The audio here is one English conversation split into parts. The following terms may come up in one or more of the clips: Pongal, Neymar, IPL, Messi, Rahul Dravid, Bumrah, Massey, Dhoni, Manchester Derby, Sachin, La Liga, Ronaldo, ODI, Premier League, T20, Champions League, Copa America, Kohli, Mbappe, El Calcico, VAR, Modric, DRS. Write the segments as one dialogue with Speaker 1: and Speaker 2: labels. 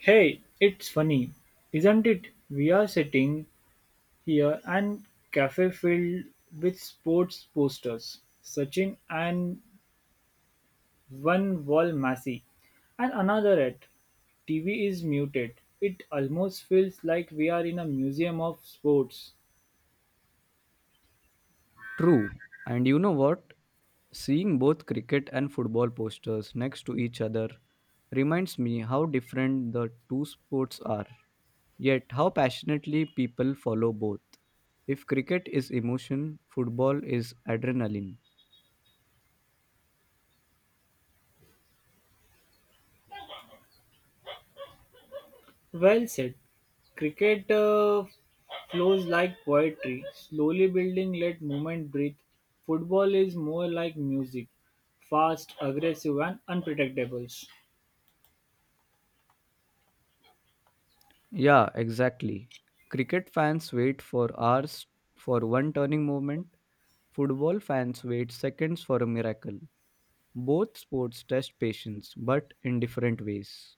Speaker 1: Hey, it's funny, isn't it? We are sitting here and cafe filled with sports posters, Sachin and one wall Massey, and another at TV is muted. It almost feels like we are in a museum of sports.
Speaker 2: True. And you know what? Seeing both cricket and football posters next to each other reminds me how different the two sports are, yet how passionately people follow both. If cricket is emotion, football is adrenaline.
Speaker 1: Well said. Cricket flows like poetry, slowly building, let movement breathe. Football is more like music, fast, aggressive, and unpredictable.
Speaker 2: Yeah, exactly. Cricket fans wait for hours for one turning moment, football fans wait seconds for a miracle. Both sports test patience, but in different ways.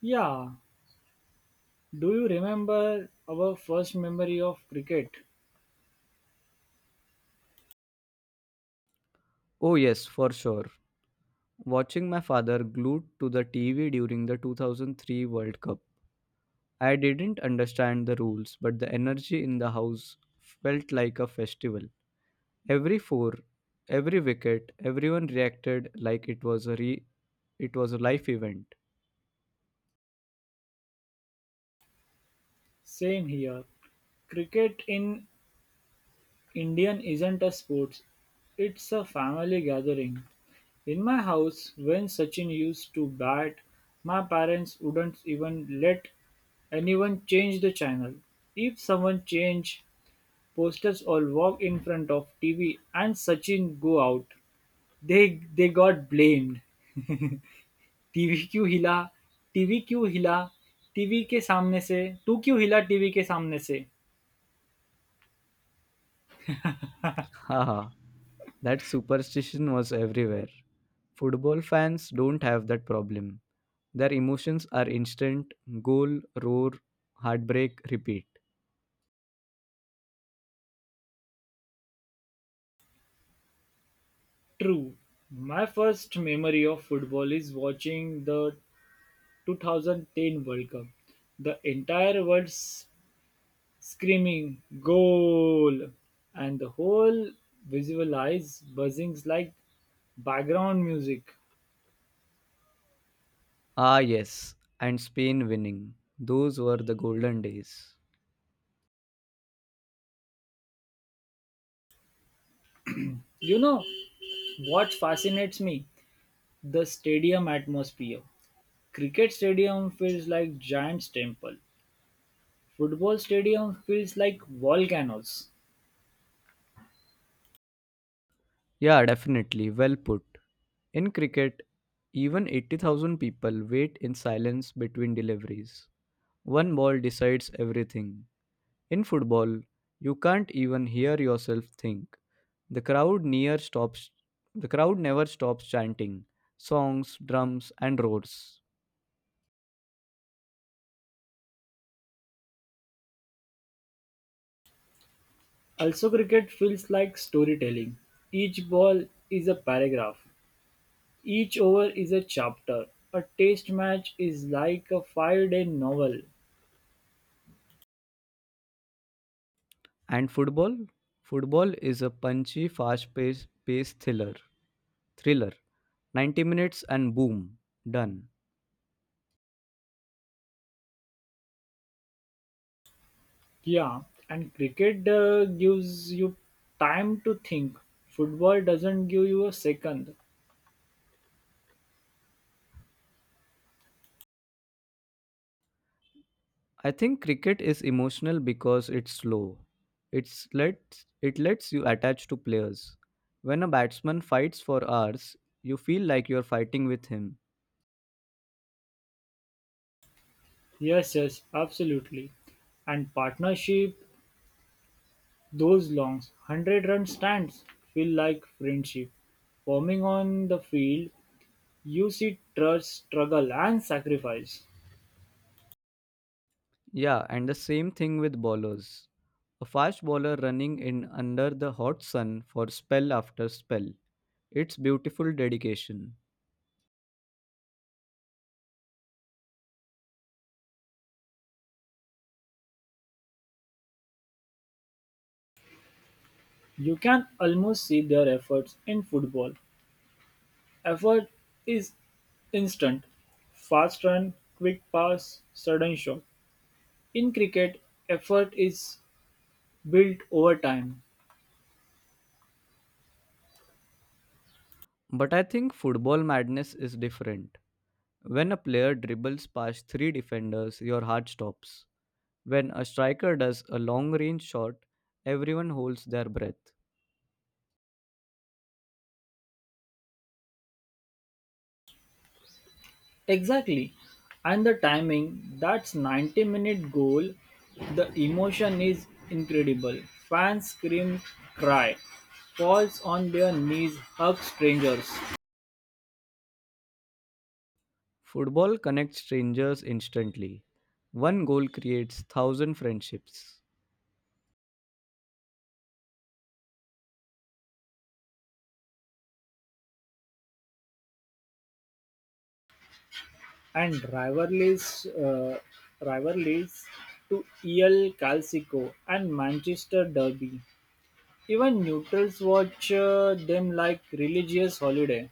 Speaker 1: Yeah, do you remember our first memory of cricket?
Speaker 2: Oh, yes, for sure. Watching my father glued to the TV during the 2003 World Cup, I didn't understand the rules, but the energy in the house felt like a festival. Every four, every wicket, everyone reacted like it was a life event.
Speaker 1: Same here. Cricket in Indian isn't a sport, it's a family gathering. In my house, when Sachin used to bat, my parents wouldn't even let anyone change the channel. If someone changed, posters all walk in front of TV and Sachin go out. They got blamed. TV क्यों हिला, TV क्यों हिला, TV के सामने से, तू क्यों हिला टीवी के सामने से?
Speaker 2: Haha, that superstition was everywhere. Football fans don't have that problem. Their emotions are instant, goal, roar, heartbreak, repeat.
Speaker 1: True, my first memory of football is watching the 2010 World Cup. The entire world screaming goal, and the whole visual eyes buzzing like background music.
Speaker 2: Ah, yes, and Spain winning. Those were the golden days.
Speaker 1: You know what fascinates me? The stadium atmosphere. Cricket stadium feels like giant temple. Football stadium feels like volcanoes.
Speaker 2: Yeah, definitely. Well put. In cricket, even 80,000 people wait in silence between deliveries. One ball decides everything. In football, you can't even hear yourself think. The crowd near stops the crowd never stops chanting songs, drums and roars.
Speaker 1: Also cricket feels like storytelling. Each ball is a paragraph. Each over is a chapter. A test match is like a five-day novel.
Speaker 2: And football? Football is a punchy, fast-paced pace thriller. 90 minutes and boom, done.
Speaker 1: Yeah, and cricket gives you time to think. Football doesn't give you a second.
Speaker 2: I think cricket is emotional because it's slow. It lets you attach to players. When a batsman fights for hours, you feel like you're fighting with him.
Speaker 1: Yes, yes, absolutely. And partnership, those longs, 100 run stands feel like friendship. Forming on the field, you see trust, struggle, and sacrifice.
Speaker 2: Yeah, and the same thing with bowlers. A fast bowler running in under the hot sun for spell after spell. It's beautiful dedication.
Speaker 1: You can almost see their efforts in football. Effort is instant fast run, quick pass, sudden shot. In cricket, effort is built over time.
Speaker 2: But I think football madness is different. When a player dribbles past three defenders, your heart stops. When a striker does a long range shot, everyone holds their breath.
Speaker 1: Exactly. And the timing, that's 90-minute goal, the emotion is incredible. Fans scream, cry, falls on their knees, hug strangers.
Speaker 2: Football connects strangers instantly. One goal creates thousand friendships.
Speaker 1: And rivalries rivalries to El Calcico and Manchester Derby. Even neutrals watch them like religious holiday.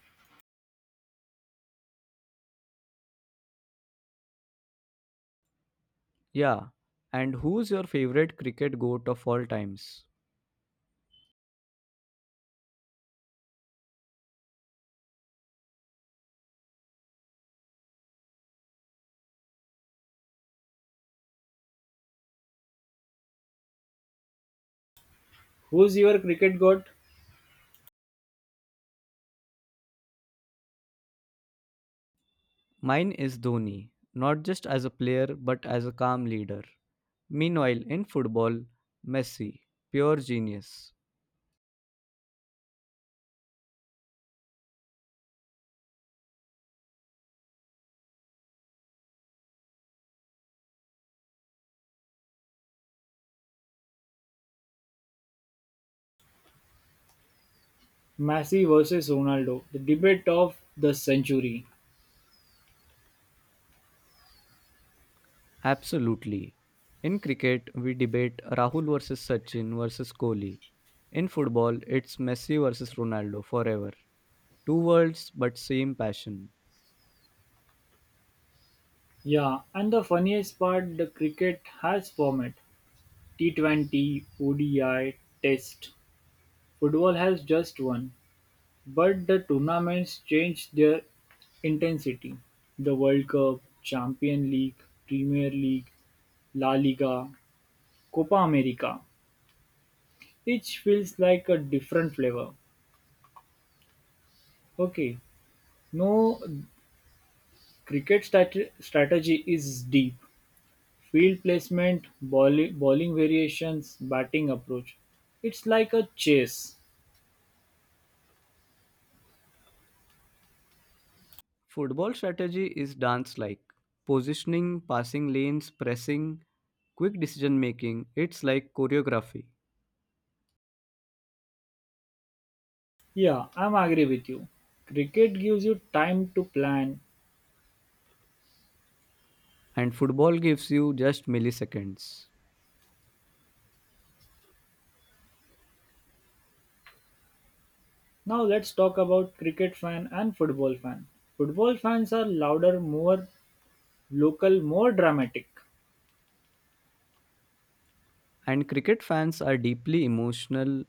Speaker 2: Yeah, and who's your favorite cricket goat of all times?
Speaker 1: Who's your cricket god?
Speaker 2: Mine is Dhoni, not just as a player but as a calm leader. Meanwhile, in football, Messi, pure genius.
Speaker 1: Messi versus Ronaldo, the debate of the century.
Speaker 2: Absolutely. In cricket, we debate Rahul versus Sachin versus Kohli. In football, it's Messi versus Ronaldo forever. Two worlds, but same passion.
Speaker 1: Yeah, and the funniest part, the cricket has format T20, ODI, Test. Football has just one. But the tournaments changed their intensity: the World Cup, Champions League, Premier League, La Liga, Copa America. Each feels like a different flavor. Okay, no cricket strategy is deep. Field placement, bowling variations, batting approach. It's like a chase.
Speaker 2: Football strategy is dance like positioning, passing lanes, pressing, quick decision making. It's like choreography.
Speaker 1: Yeah, I'm agree with you. Cricket gives you time to plan.
Speaker 2: And football gives you just milliseconds.
Speaker 1: Now let's talk about cricket fan and football fan. Football fans are louder, more local, more dramatic,
Speaker 2: And cricket fans are deeply emotional,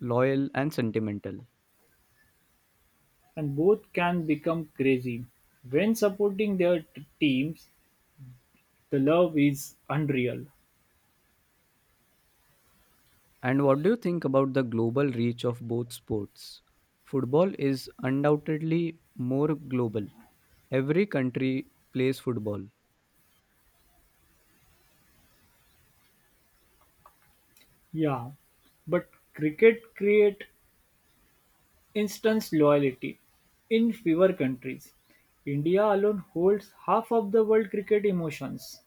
Speaker 2: loyal, and sentimental.
Speaker 1: and both can become crazy. When supporting their teams, the love is unreal.
Speaker 2: And what do you think about the global reach of both sports? Football is undoubtedly more global. Every country plays football.
Speaker 1: Yeah, but cricket create instant loyalty in fewer countries. India alone holds half of the world cricket emotions.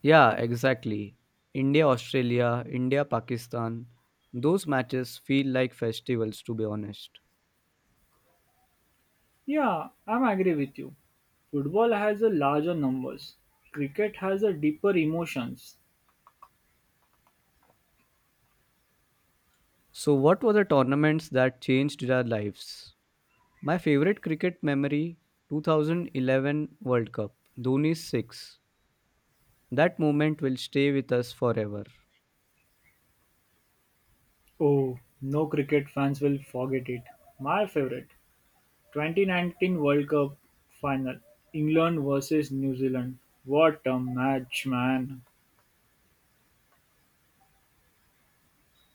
Speaker 2: Yeah, exactly. India, Australia, India, Pakistan. Those matches feel like festivals, to be honest.
Speaker 1: Yeah, I'm agree with you. Football has a larger numbers. Cricket has a deeper emotions.
Speaker 2: So, what were the tournaments that changed our lives? My favorite cricket memory 2011 World Cup, Dhoni's 6. That moment will stay with us forever.
Speaker 1: Oh, no cricket fans will forget it. My favorite 2019 World Cup final. England versus New Zealand. What a match, man.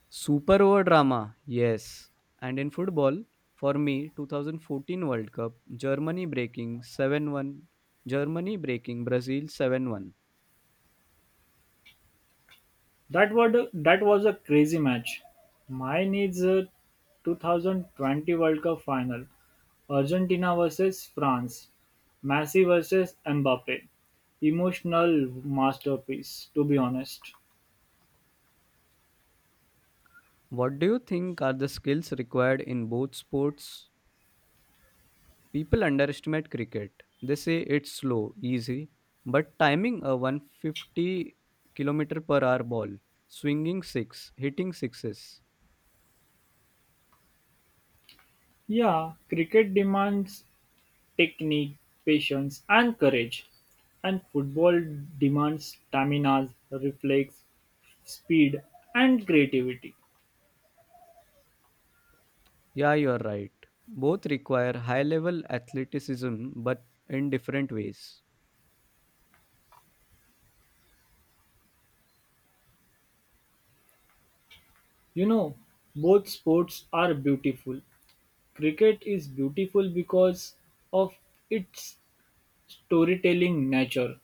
Speaker 2: Super over drama, yes. And in football, for me, 2014 World Cup, Germany breaking Brazil 7-1.
Speaker 1: That was a crazy match. Mine is a 2020 World Cup final. Argentina versus France. Messi versus Mbappe. Emotional masterpiece, to be honest.
Speaker 2: What do you think are the skills required in both sports? People underestimate cricket. They say it's slow, easy, but timing a 150 kilometer per hour ball, swinging six, hitting sixes.
Speaker 1: Yeah, cricket demands technique, patience, and courage. And football demands stamina, reflex, speed, and creativity.
Speaker 2: Yeah, you're right. Both require high level athleticism, but in different ways.
Speaker 1: You know, both sports are beautiful. Cricket is beautiful because of its storytelling nature.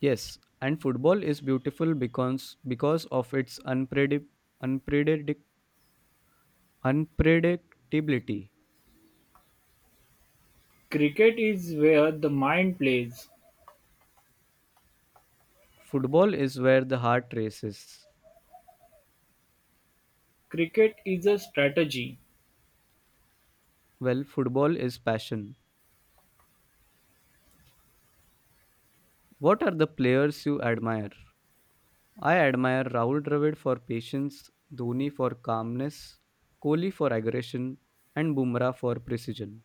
Speaker 2: Yes, and football is beautiful because of its unpredict, unpredictability.
Speaker 1: Cricket is where the mind plays.
Speaker 2: Football is where the heart races.
Speaker 1: Cricket is a strategy,
Speaker 2: Well, football is passion. What are the players you admire? I admire Rahul Dravid for patience, Dhoni for calmness, Kohli for aggression, and Bumrah for precision.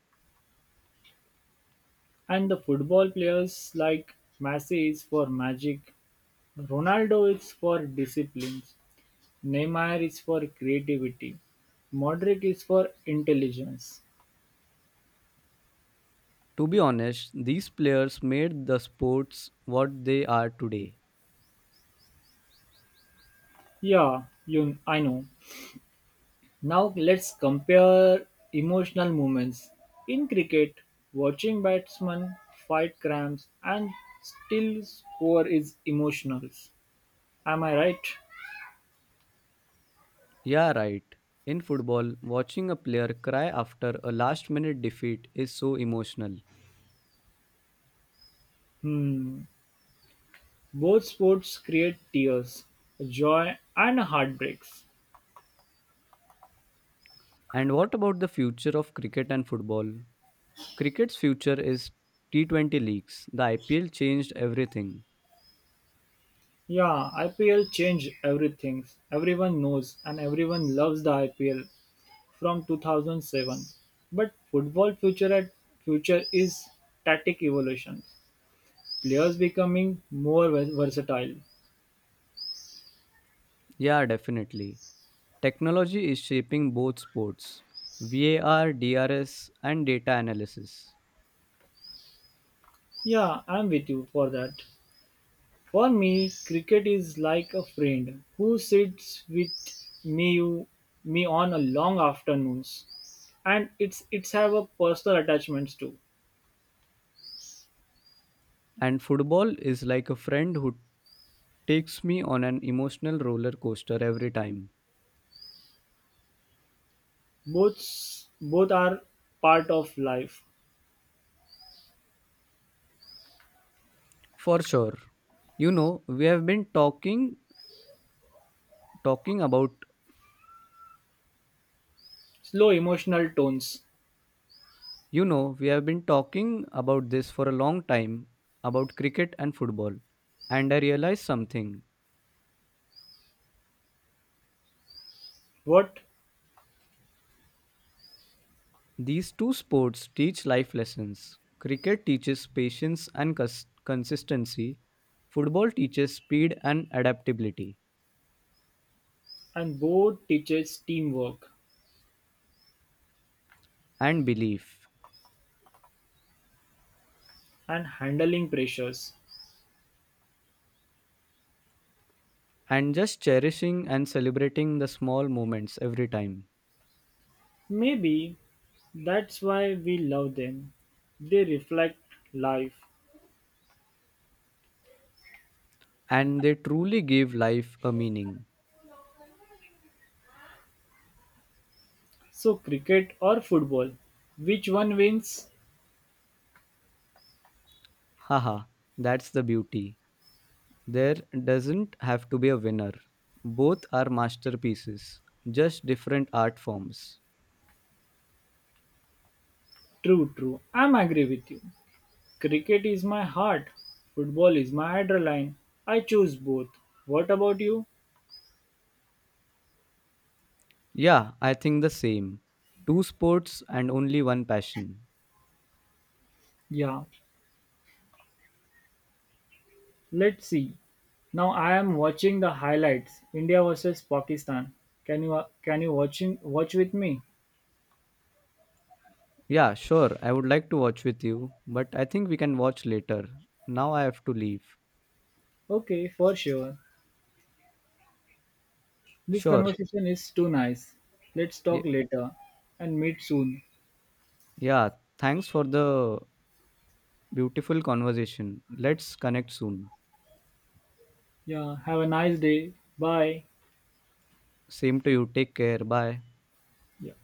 Speaker 1: and the football players like Messi is for magic, Ronaldo is for disciplines, Neymar is for creativity, Modric is for intelligence.
Speaker 2: To be honest, these players made the sports what they are today.
Speaker 1: Yeah, you I know. Now let's compare emotional moments. In cricket, watching batsmen fight cramps and still score is emotional. Am I right?
Speaker 2: Yeah, right. In football, watching a player cry after a last minute defeat is so emotional.
Speaker 1: Hmm. Both sports create tears, joy and heartbreaks.
Speaker 2: And what about the future of cricket and football? Cricket's future is T20 leagues. The IPL changed everything.
Speaker 1: Yeah, IPL changed everything. Everyone knows and everyone loves the IPL from 2007. But football future at future is tactic evolution. Players becoming more versatile.
Speaker 2: Yeah, definitely. Technology is shaping both sports VAR, DRS, and data analysis.
Speaker 1: Yeah, I'm with you for that. For me, cricket is like a friend who sits with me you, me on a long afternoons, and it's have a personal attachments too.
Speaker 2: And football is like a friend who takes me on an emotional roller coaster every time.
Speaker 1: Both both are part of life.
Speaker 2: For sure. You know, we have been talking talking about,
Speaker 1: Slow emotional tones.
Speaker 2: you know, we have been talking about this for a long time about cricket and football. And I realized something.
Speaker 1: What?
Speaker 2: These two sports teach life lessons. Cricket teaches patience and consistency, football teaches speed and adaptability
Speaker 1: And both teaches teamwork
Speaker 2: and belief,
Speaker 1: and handling pressures.
Speaker 2: and just cherishing and celebrating the small moments every time.
Speaker 1: Maybe that's why we love them. They reflect life.
Speaker 2: And they truly give life a meaning.
Speaker 1: So cricket or football, which one wins?
Speaker 2: Haha, that's the beauty. There doesn't have to be a winner. Both are masterpieces, just different art forms.
Speaker 1: True, true. I'm agree with you. Cricket is my heart. Football is my adrenaline. I choose both. What about you?
Speaker 2: Yeah, I think the same. Two sports and only one passion.
Speaker 1: Yeah. Let's see. Now I am watching the highlights. India versus Pakistan. Can you watch with me?
Speaker 2: Yeah, sure, I would like to watch with you, but I think we can watch later. Now I have to leave.
Speaker 1: Okay, for sure. This
Speaker 2: Sure.
Speaker 1: conversation is too nice. Let's talk
Speaker 2: Y-
Speaker 1: later and meet soon.
Speaker 2: yeah, thanks for the beautiful conversation. Let's connect soon.
Speaker 1: Yeah, have a nice day. Bye.
Speaker 2: Same to you. Take care. Bye.
Speaker 1: Yeah.